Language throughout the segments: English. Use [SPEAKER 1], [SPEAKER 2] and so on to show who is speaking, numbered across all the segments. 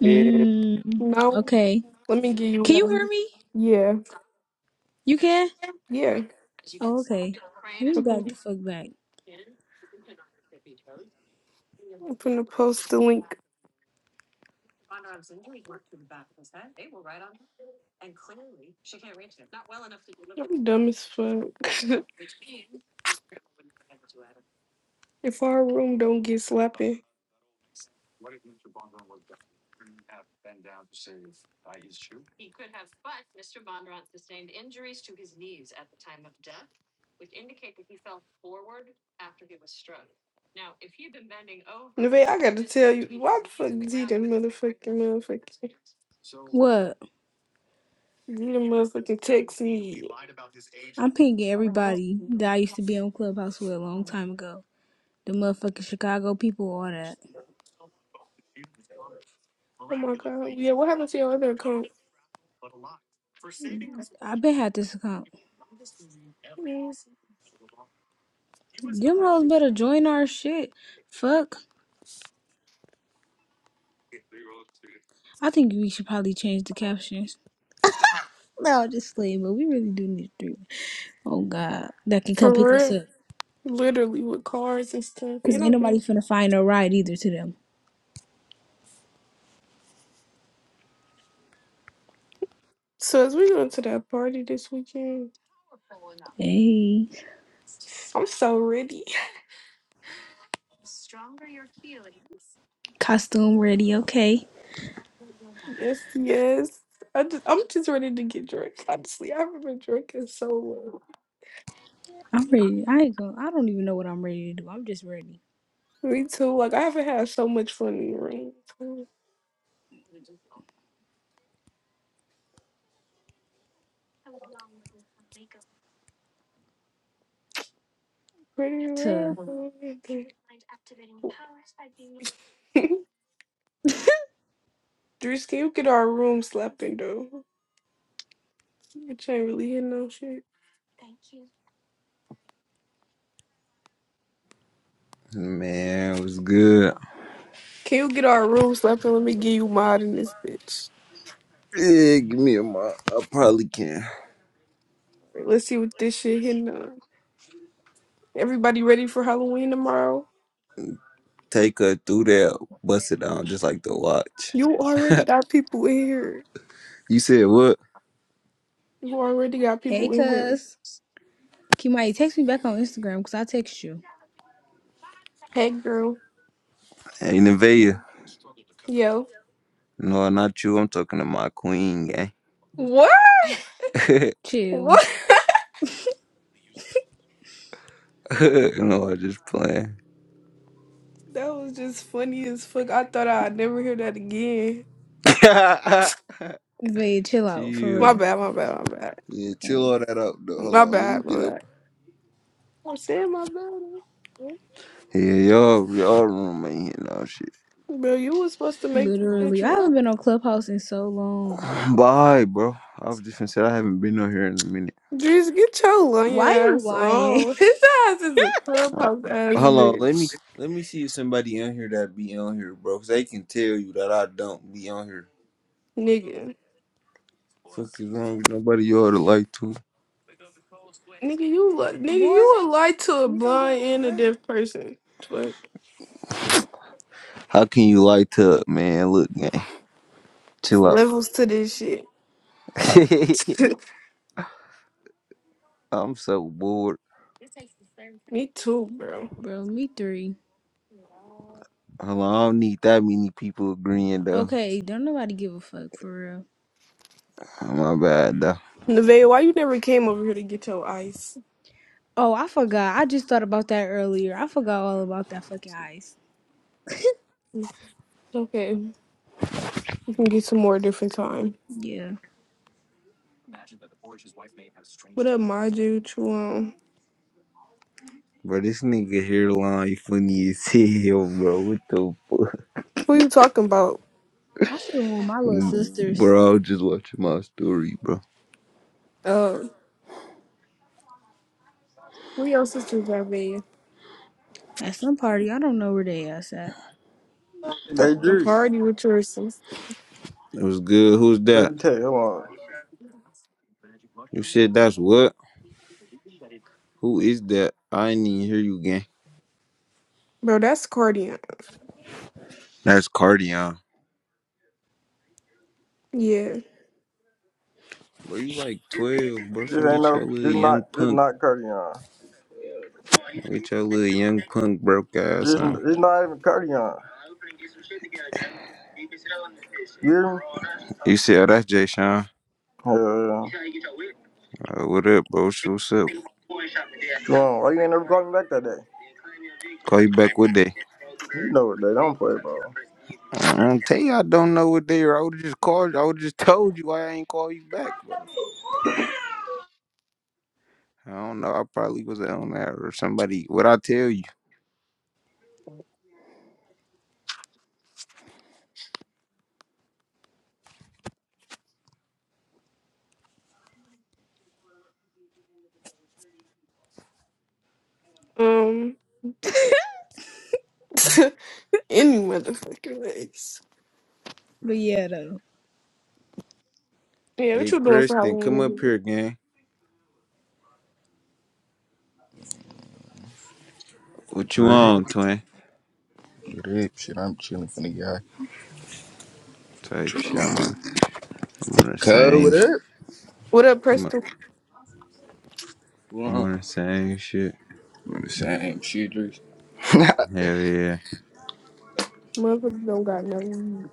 [SPEAKER 1] Mm,
[SPEAKER 2] No,
[SPEAKER 1] okay.
[SPEAKER 2] let me give you
[SPEAKER 1] Can you hear
[SPEAKER 2] one.
[SPEAKER 1] me?
[SPEAKER 2] Yeah,
[SPEAKER 1] You can?
[SPEAKER 2] yeah.
[SPEAKER 1] Oh, okay. Let me back
[SPEAKER 2] Okay.
[SPEAKER 1] the fuck back.
[SPEAKER 2] I'm gonna post the link. I'm dumb as fuck. if our room don't get slapping. Neve, I gotta tell you, why the fuck did he done motherfucking motherfucking
[SPEAKER 1] What?
[SPEAKER 2] he done motherfucking text me?
[SPEAKER 1] I'm pinging everybody that I used to be on Clubhouse with a long time ago. The motherfucking Chicago people, all that.
[SPEAKER 2] Oh my god. Yeah, what happened to your other account?
[SPEAKER 1] I been had this account.
[SPEAKER 2] Mm.
[SPEAKER 1] Them hoes better join our shit. Fuck. I think we should probably change the caption. No, just playing, but we really do need three. Oh God, that can come
[SPEAKER 2] For
[SPEAKER 1] pick us
[SPEAKER 2] real.
[SPEAKER 1] up.
[SPEAKER 2] Literally with cars and stuff.
[SPEAKER 1] Cause
[SPEAKER 2] And
[SPEAKER 1] ain't nobody
[SPEAKER 2] I'm
[SPEAKER 1] finna find no ride either to them.
[SPEAKER 2] So as we going to that party this weekend,
[SPEAKER 1] Hey,
[SPEAKER 2] I'm so ready.
[SPEAKER 1] costume ready, okay.
[SPEAKER 2] Yes, yes. I just I'm just ready to get drunk. Honestly, I haven't been drinking so long.
[SPEAKER 1] I'm ready. I ain't going I don't even know what I'm ready to do. I'm just ready
[SPEAKER 2] Me too. Like I haven't had so much fun in the room. Pretty rare.
[SPEAKER 1] to.
[SPEAKER 2] Dries, can you get our room slapping though? Which ain't really hitting no shit.
[SPEAKER 3] Man, it was good.
[SPEAKER 2] Can you get our room slapping? Let me give you mod in this bitch.
[SPEAKER 3] Yeah, give me a month. I probably can
[SPEAKER 2] Alright, let's see what this shit hitting on. Everybody ready for Halloween tomorrow?
[SPEAKER 3] take her through there, bust it down just like the watch.
[SPEAKER 2] You already got people in here.
[SPEAKER 3] You said what?
[SPEAKER 2] You already got
[SPEAKER 1] Hey,
[SPEAKER 2] people in here.
[SPEAKER 1] cuz. Kimai, text me back on Instagram because I text you.
[SPEAKER 2] Hey, girl.
[SPEAKER 3] Hey, Nevaeh.
[SPEAKER 2] Yo.
[SPEAKER 3] No, not you. I'm talking to my queen, gang.
[SPEAKER 2] What?
[SPEAKER 1] Chill.
[SPEAKER 2] What?
[SPEAKER 3] no, I just playing.
[SPEAKER 2] That was just funny as fuck. I thought I'd never hear that again.
[SPEAKER 1] Babe, chill out for
[SPEAKER 3] Chill.
[SPEAKER 2] My
[SPEAKER 1] real.
[SPEAKER 2] bad, my bad, my bad.
[SPEAKER 3] Yeah, chill
[SPEAKER 1] Like,
[SPEAKER 3] all that out though.
[SPEAKER 2] My
[SPEAKER 3] Hold on, let me
[SPEAKER 2] bad,
[SPEAKER 3] get
[SPEAKER 2] my bad.
[SPEAKER 3] up.
[SPEAKER 2] I'm saying my bad.
[SPEAKER 3] Yeah, y'all, y'all room ain't here now, shit.
[SPEAKER 2] Bro, you was supposed to make the
[SPEAKER 1] literally.
[SPEAKER 2] bitch
[SPEAKER 1] I haven't
[SPEAKER 2] run.
[SPEAKER 1] been on Clubhouse in so long.
[SPEAKER 3] Bye, bro. I was just gonna say I haven't been on here in a minute.
[SPEAKER 2] Drees, get your lying
[SPEAKER 1] Why you
[SPEAKER 2] ass
[SPEAKER 1] lying?
[SPEAKER 2] on. His ass is a
[SPEAKER 3] Uh,
[SPEAKER 2] clubhouse ass
[SPEAKER 3] Hold let me
[SPEAKER 2] bitch.
[SPEAKER 3] let me see if somebody on here that be on here, bro. Cause they can tell you that I don't be on here.
[SPEAKER 2] Nigga.
[SPEAKER 3] Fuck is wrong with nobody you ought to like to.
[SPEAKER 2] Nigga, you li- nigga,
[SPEAKER 1] Boy,
[SPEAKER 2] you would lie to a
[SPEAKER 1] we don't give
[SPEAKER 2] blind
[SPEAKER 1] a
[SPEAKER 2] and a
[SPEAKER 1] fuck.
[SPEAKER 2] deaf person. Twerk.
[SPEAKER 3] How can you like to, man? Look, man, chill out.
[SPEAKER 2] Levels to this shit.
[SPEAKER 3] I'm so bored.
[SPEAKER 2] Me too, bro.
[SPEAKER 1] Bro, me three.
[SPEAKER 3] Hold on, I don't need that many people agreeing though.
[SPEAKER 1] Okay, don't nobody give a fuck for real.
[SPEAKER 3] Oh, My bad though.
[SPEAKER 2] Nevaeh, why you never came over here to get your ice?
[SPEAKER 1] Oh, I forgot. I just thought about that earlier. I forgot all about that fucking ice.
[SPEAKER 2] Okay, we can get some more a different time.
[SPEAKER 1] Yeah.
[SPEAKER 2] What up, my dude? You, um,
[SPEAKER 3] Bro, this nigga hairline funny as hell, bro. What the
[SPEAKER 2] who you talking about?
[SPEAKER 1] I should have won my little
[SPEAKER 3] fuck?
[SPEAKER 1] sisters
[SPEAKER 3] Bro, I was just watching my story, bro.
[SPEAKER 2] Uh, who your sisters are being?
[SPEAKER 1] at some party. I don't know where they at.
[SPEAKER 4] Hey
[SPEAKER 2] A
[SPEAKER 4] Juice,
[SPEAKER 2] party with your sisters.
[SPEAKER 3] It was good. Who's
[SPEAKER 4] let
[SPEAKER 3] that?
[SPEAKER 4] me tell you, hold on.
[SPEAKER 3] You said that's what? Who is that? I didn't even hear you again.
[SPEAKER 2] Bro, that's Cardian.
[SPEAKER 3] That's Cardion.
[SPEAKER 2] Yeah.
[SPEAKER 3] Bro, you like 12, bro.
[SPEAKER 4] This ain't
[SPEAKER 3] Finna get
[SPEAKER 4] no,
[SPEAKER 3] your little
[SPEAKER 4] this not,
[SPEAKER 3] young
[SPEAKER 4] this
[SPEAKER 3] punk.
[SPEAKER 4] not Cardion.
[SPEAKER 3] Get your little young punk broke ass
[SPEAKER 4] This,
[SPEAKER 3] on.
[SPEAKER 4] this not even Cardion. You hear me?
[SPEAKER 3] You see, oh, that's Jay Sean.
[SPEAKER 4] Hell yeah.
[SPEAKER 3] Uh, what up, bro? Sh- What's up?
[SPEAKER 4] Come on, why you ain't never called me back that day?
[SPEAKER 3] Call you back what day?
[SPEAKER 4] You know what they don't play, bro.
[SPEAKER 3] I don't tell you I don't know what day. are. I would've just called you. I would've just told you I ain't call you back, bro. I don't know. I probably was on that or somebody. What I tell you?
[SPEAKER 2] Um, any motherfucking legs.
[SPEAKER 1] But yeah, though.
[SPEAKER 2] Yeah,
[SPEAKER 3] Hey,
[SPEAKER 2] what you doing for
[SPEAKER 3] Preston,
[SPEAKER 2] Halloween?
[SPEAKER 3] come up
[SPEAKER 2] nigga?
[SPEAKER 3] here, gang. What you
[SPEAKER 5] Drip,
[SPEAKER 3] on, twin?
[SPEAKER 5] drip, shit, I'm chilling from the guy.
[SPEAKER 3] Type shit. I'm on. I'm on the
[SPEAKER 5] Cuz,
[SPEAKER 3] same
[SPEAKER 5] what
[SPEAKER 3] shit.
[SPEAKER 5] up?
[SPEAKER 2] What up, Preston?
[SPEAKER 3] I'm
[SPEAKER 5] Well,
[SPEAKER 3] on the same shit.
[SPEAKER 5] I'm the same shit, Drip. this
[SPEAKER 3] Hell yeah.
[SPEAKER 2] Motherfuckers don't got no weed.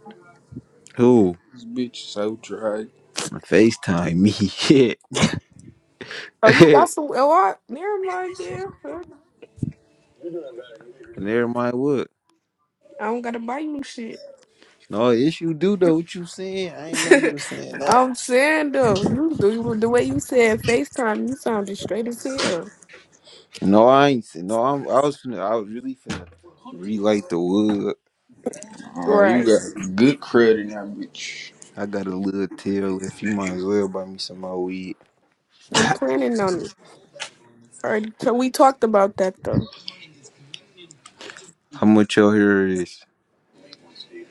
[SPEAKER 3] Who?
[SPEAKER 5] bitch so dry.
[SPEAKER 3] FaceTime me. Shit.
[SPEAKER 2] Oh, you
[SPEAKER 3] and
[SPEAKER 2] got some? Oh, I, never mind, yeah. Huh?
[SPEAKER 3] everybody would.
[SPEAKER 2] I don't gotta buy you shit.
[SPEAKER 3] No, yes you do though. What you saying? I ain't know you was saying that.
[SPEAKER 2] I'm saying though, you the, the way you said FaceTime, you sounded straight as hell.
[SPEAKER 3] No, I ain't saying no, I'm I was finna I was really finna relight the wood.
[SPEAKER 5] Oh, you
[SPEAKER 2] Right.
[SPEAKER 5] got good credit in that bitch.
[SPEAKER 3] I got a little tail if you might as well buy me some more weed.
[SPEAKER 2] I'm planning on it. Already, so we talked about that though.
[SPEAKER 3] How much y'all here is?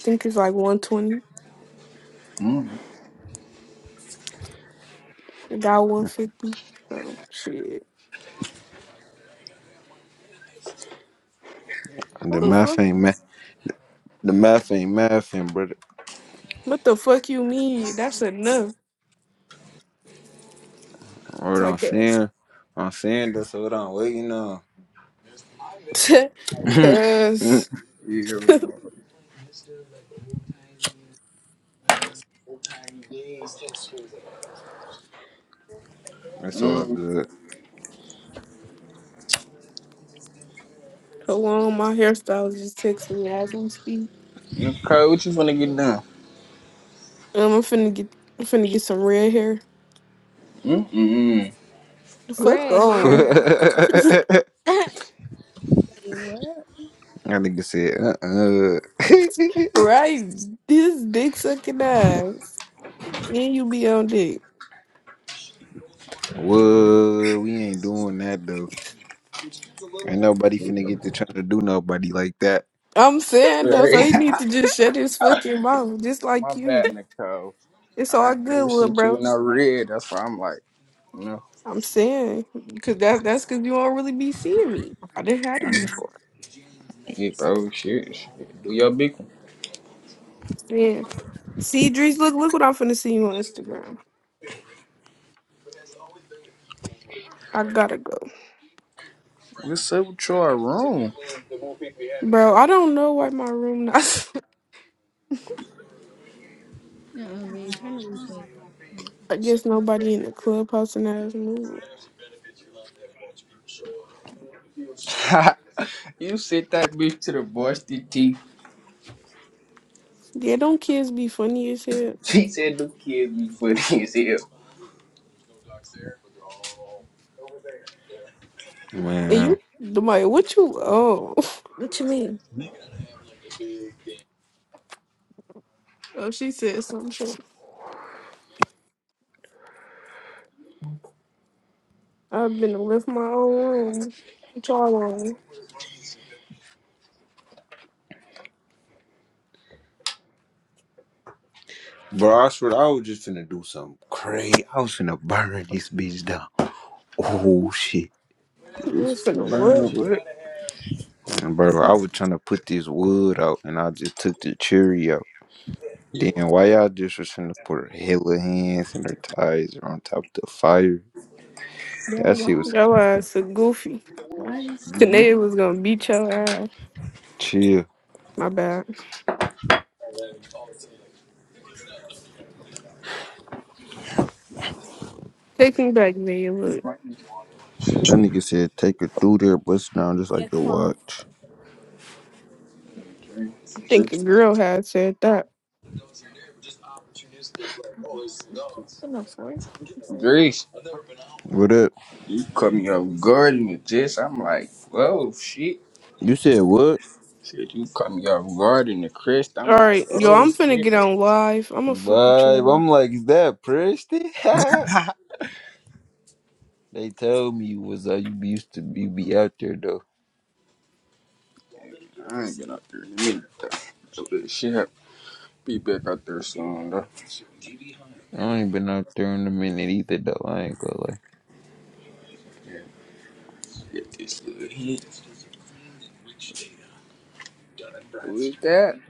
[SPEAKER 2] think it's like 120. It got 150. So shit.
[SPEAKER 3] The
[SPEAKER 2] What the
[SPEAKER 5] Mm,
[SPEAKER 3] math
[SPEAKER 2] fuck?
[SPEAKER 3] ain't math the math ain't math brother.
[SPEAKER 2] What the fuck you mean? That's enough. It's
[SPEAKER 3] What I'm
[SPEAKER 2] like cause,
[SPEAKER 3] saying. I'm saying that's what I'm waiting on.
[SPEAKER 2] cause
[SPEAKER 5] yeah,
[SPEAKER 3] That's all
[SPEAKER 5] mm,
[SPEAKER 3] good.
[SPEAKER 2] hold on, my hairstylist just texted me as we speak.
[SPEAKER 5] mm, Cuz, what you finna get done?
[SPEAKER 2] Um, I'm finna get, I'm finna get some red hair.
[SPEAKER 5] Mm, mm,
[SPEAKER 2] The fuck
[SPEAKER 1] Red
[SPEAKER 2] on.
[SPEAKER 1] hair. Wait, what?
[SPEAKER 3] That nigga said, uh
[SPEAKER 2] Right, this dick sucking ass. And you be on dick.
[SPEAKER 3] uh Whoa, we ain't doing that though. Ain't nobody finna get
[SPEAKER 5] mm.
[SPEAKER 3] to trying to do nobody like that.
[SPEAKER 2] I'm saying though, so he
[SPEAKER 5] Right.
[SPEAKER 2] need to just shut his fucking mouth, just
[SPEAKER 5] My
[SPEAKER 2] like
[SPEAKER 5] bad,
[SPEAKER 2] you.
[SPEAKER 5] Nicole.
[SPEAKER 2] It's
[SPEAKER 5] I
[SPEAKER 2] all
[SPEAKER 5] ain't
[SPEAKER 2] good,
[SPEAKER 5] never seen
[SPEAKER 2] little
[SPEAKER 5] you
[SPEAKER 2] bro.
[SPEAKER 5] in no red, that's why I'm like, no.
[SPEAKER 2] I'm saying, because that that's because you don't really be seeing me. I didn't have to before.
[SPEAKER 5] Yeah, bro, shit, shit. Do your big one.
[SPEAKER 2] Yeah. See, Drees, look, look what I'm finna see you on Instagram. I gotta go,
[SPEAKER 5] What's up with your room?
[SPEAKER 2] bro. I don't know why my room not.
[SPEAKER 1] No, babe, turn the replays off. What?
[SPEAKER 2] I guess nobody in the clubhouse and ass move.
[SPEAKER 5] you sent that bitch to the varsity team.
[SPEAKER 2] Yeah, don't kids be funny as hell?
[SPEAKER 5] She said them kids be funny as hell.
[SPEAKER 2] And
[SPEAKER 3] Man.
[SPEAKER 2] you, Demaya, what you, oh, what you mean? Oh, she said some shit. I've been to lift my own room. What y'all on?
[SPEAKER 3] Bro, I swear I was just finna do something crazy. I was finna burn this bitch down. Oh shit.
[SPEAKER 2] I'm finna what?
[SPEAKER 5] man, what?
[SPEAKER 3] And bro, I was trying to put this wood out and I just took the cherry out. Then why y'all just was finna put her hella hands and her ties on top of the fire? That shit was
[SPEAKER 2] Your ass so goofy. Why?
[SPEAKER 5] Mm-hmm.
[SPEAKER 2] Today was gonna beat your ass.
[SPEAKER 3] chill.
[SPEAKER 2] My bad. Take me back, nigga.
[SPEAKER 5] This
[SPEAKER 2] Look,
[SPEAKER 5] might be
[SPEAKER 3] That nigga said take her through there, bust down just
[SPEAKER 1] Yeah,
[SPEAKER 3] like the
[SPEAKER 1] come on.
[SPEAKER 3] watch.
[SPEAKER 2] I think a girl had said that.
[SPEAKER 5] Grace,
[SPEAKER 3] What up?
[SPEAKER 5] you cut me off guard in the gist. I'm like, oh shit.
[SPEAKER 3] You said what?
[SPEAKER 5] Shit, you cut me off guard in the crest. I'm
[SPEAKER 2] All
[SPEAKER 5] like,
[SPEAKER 2] right, yo,
[SPEAKER 5] oh
[SPEAKER 2] I'm finna get
[SPEAKER 5] shit.
[SPEAKER 2] on live. I'm gonna fuck with
[SPEAKER 3] But
[SPEAKER 2] y'all.
[SPEAKER 3] I'm like, is that Preston?
[SPEAKER 5] I
[SPEAKER 3] they told me you was uh, you be used to you be out there though.
[SPEAKER 5] ain't been out there in a minute though. So this shit. Be back out there soon though.
[SPEAKER 3] I ain't been out there in a minute either though. I ain't gonna lie.
[SPEAKER 5] Get Who's that?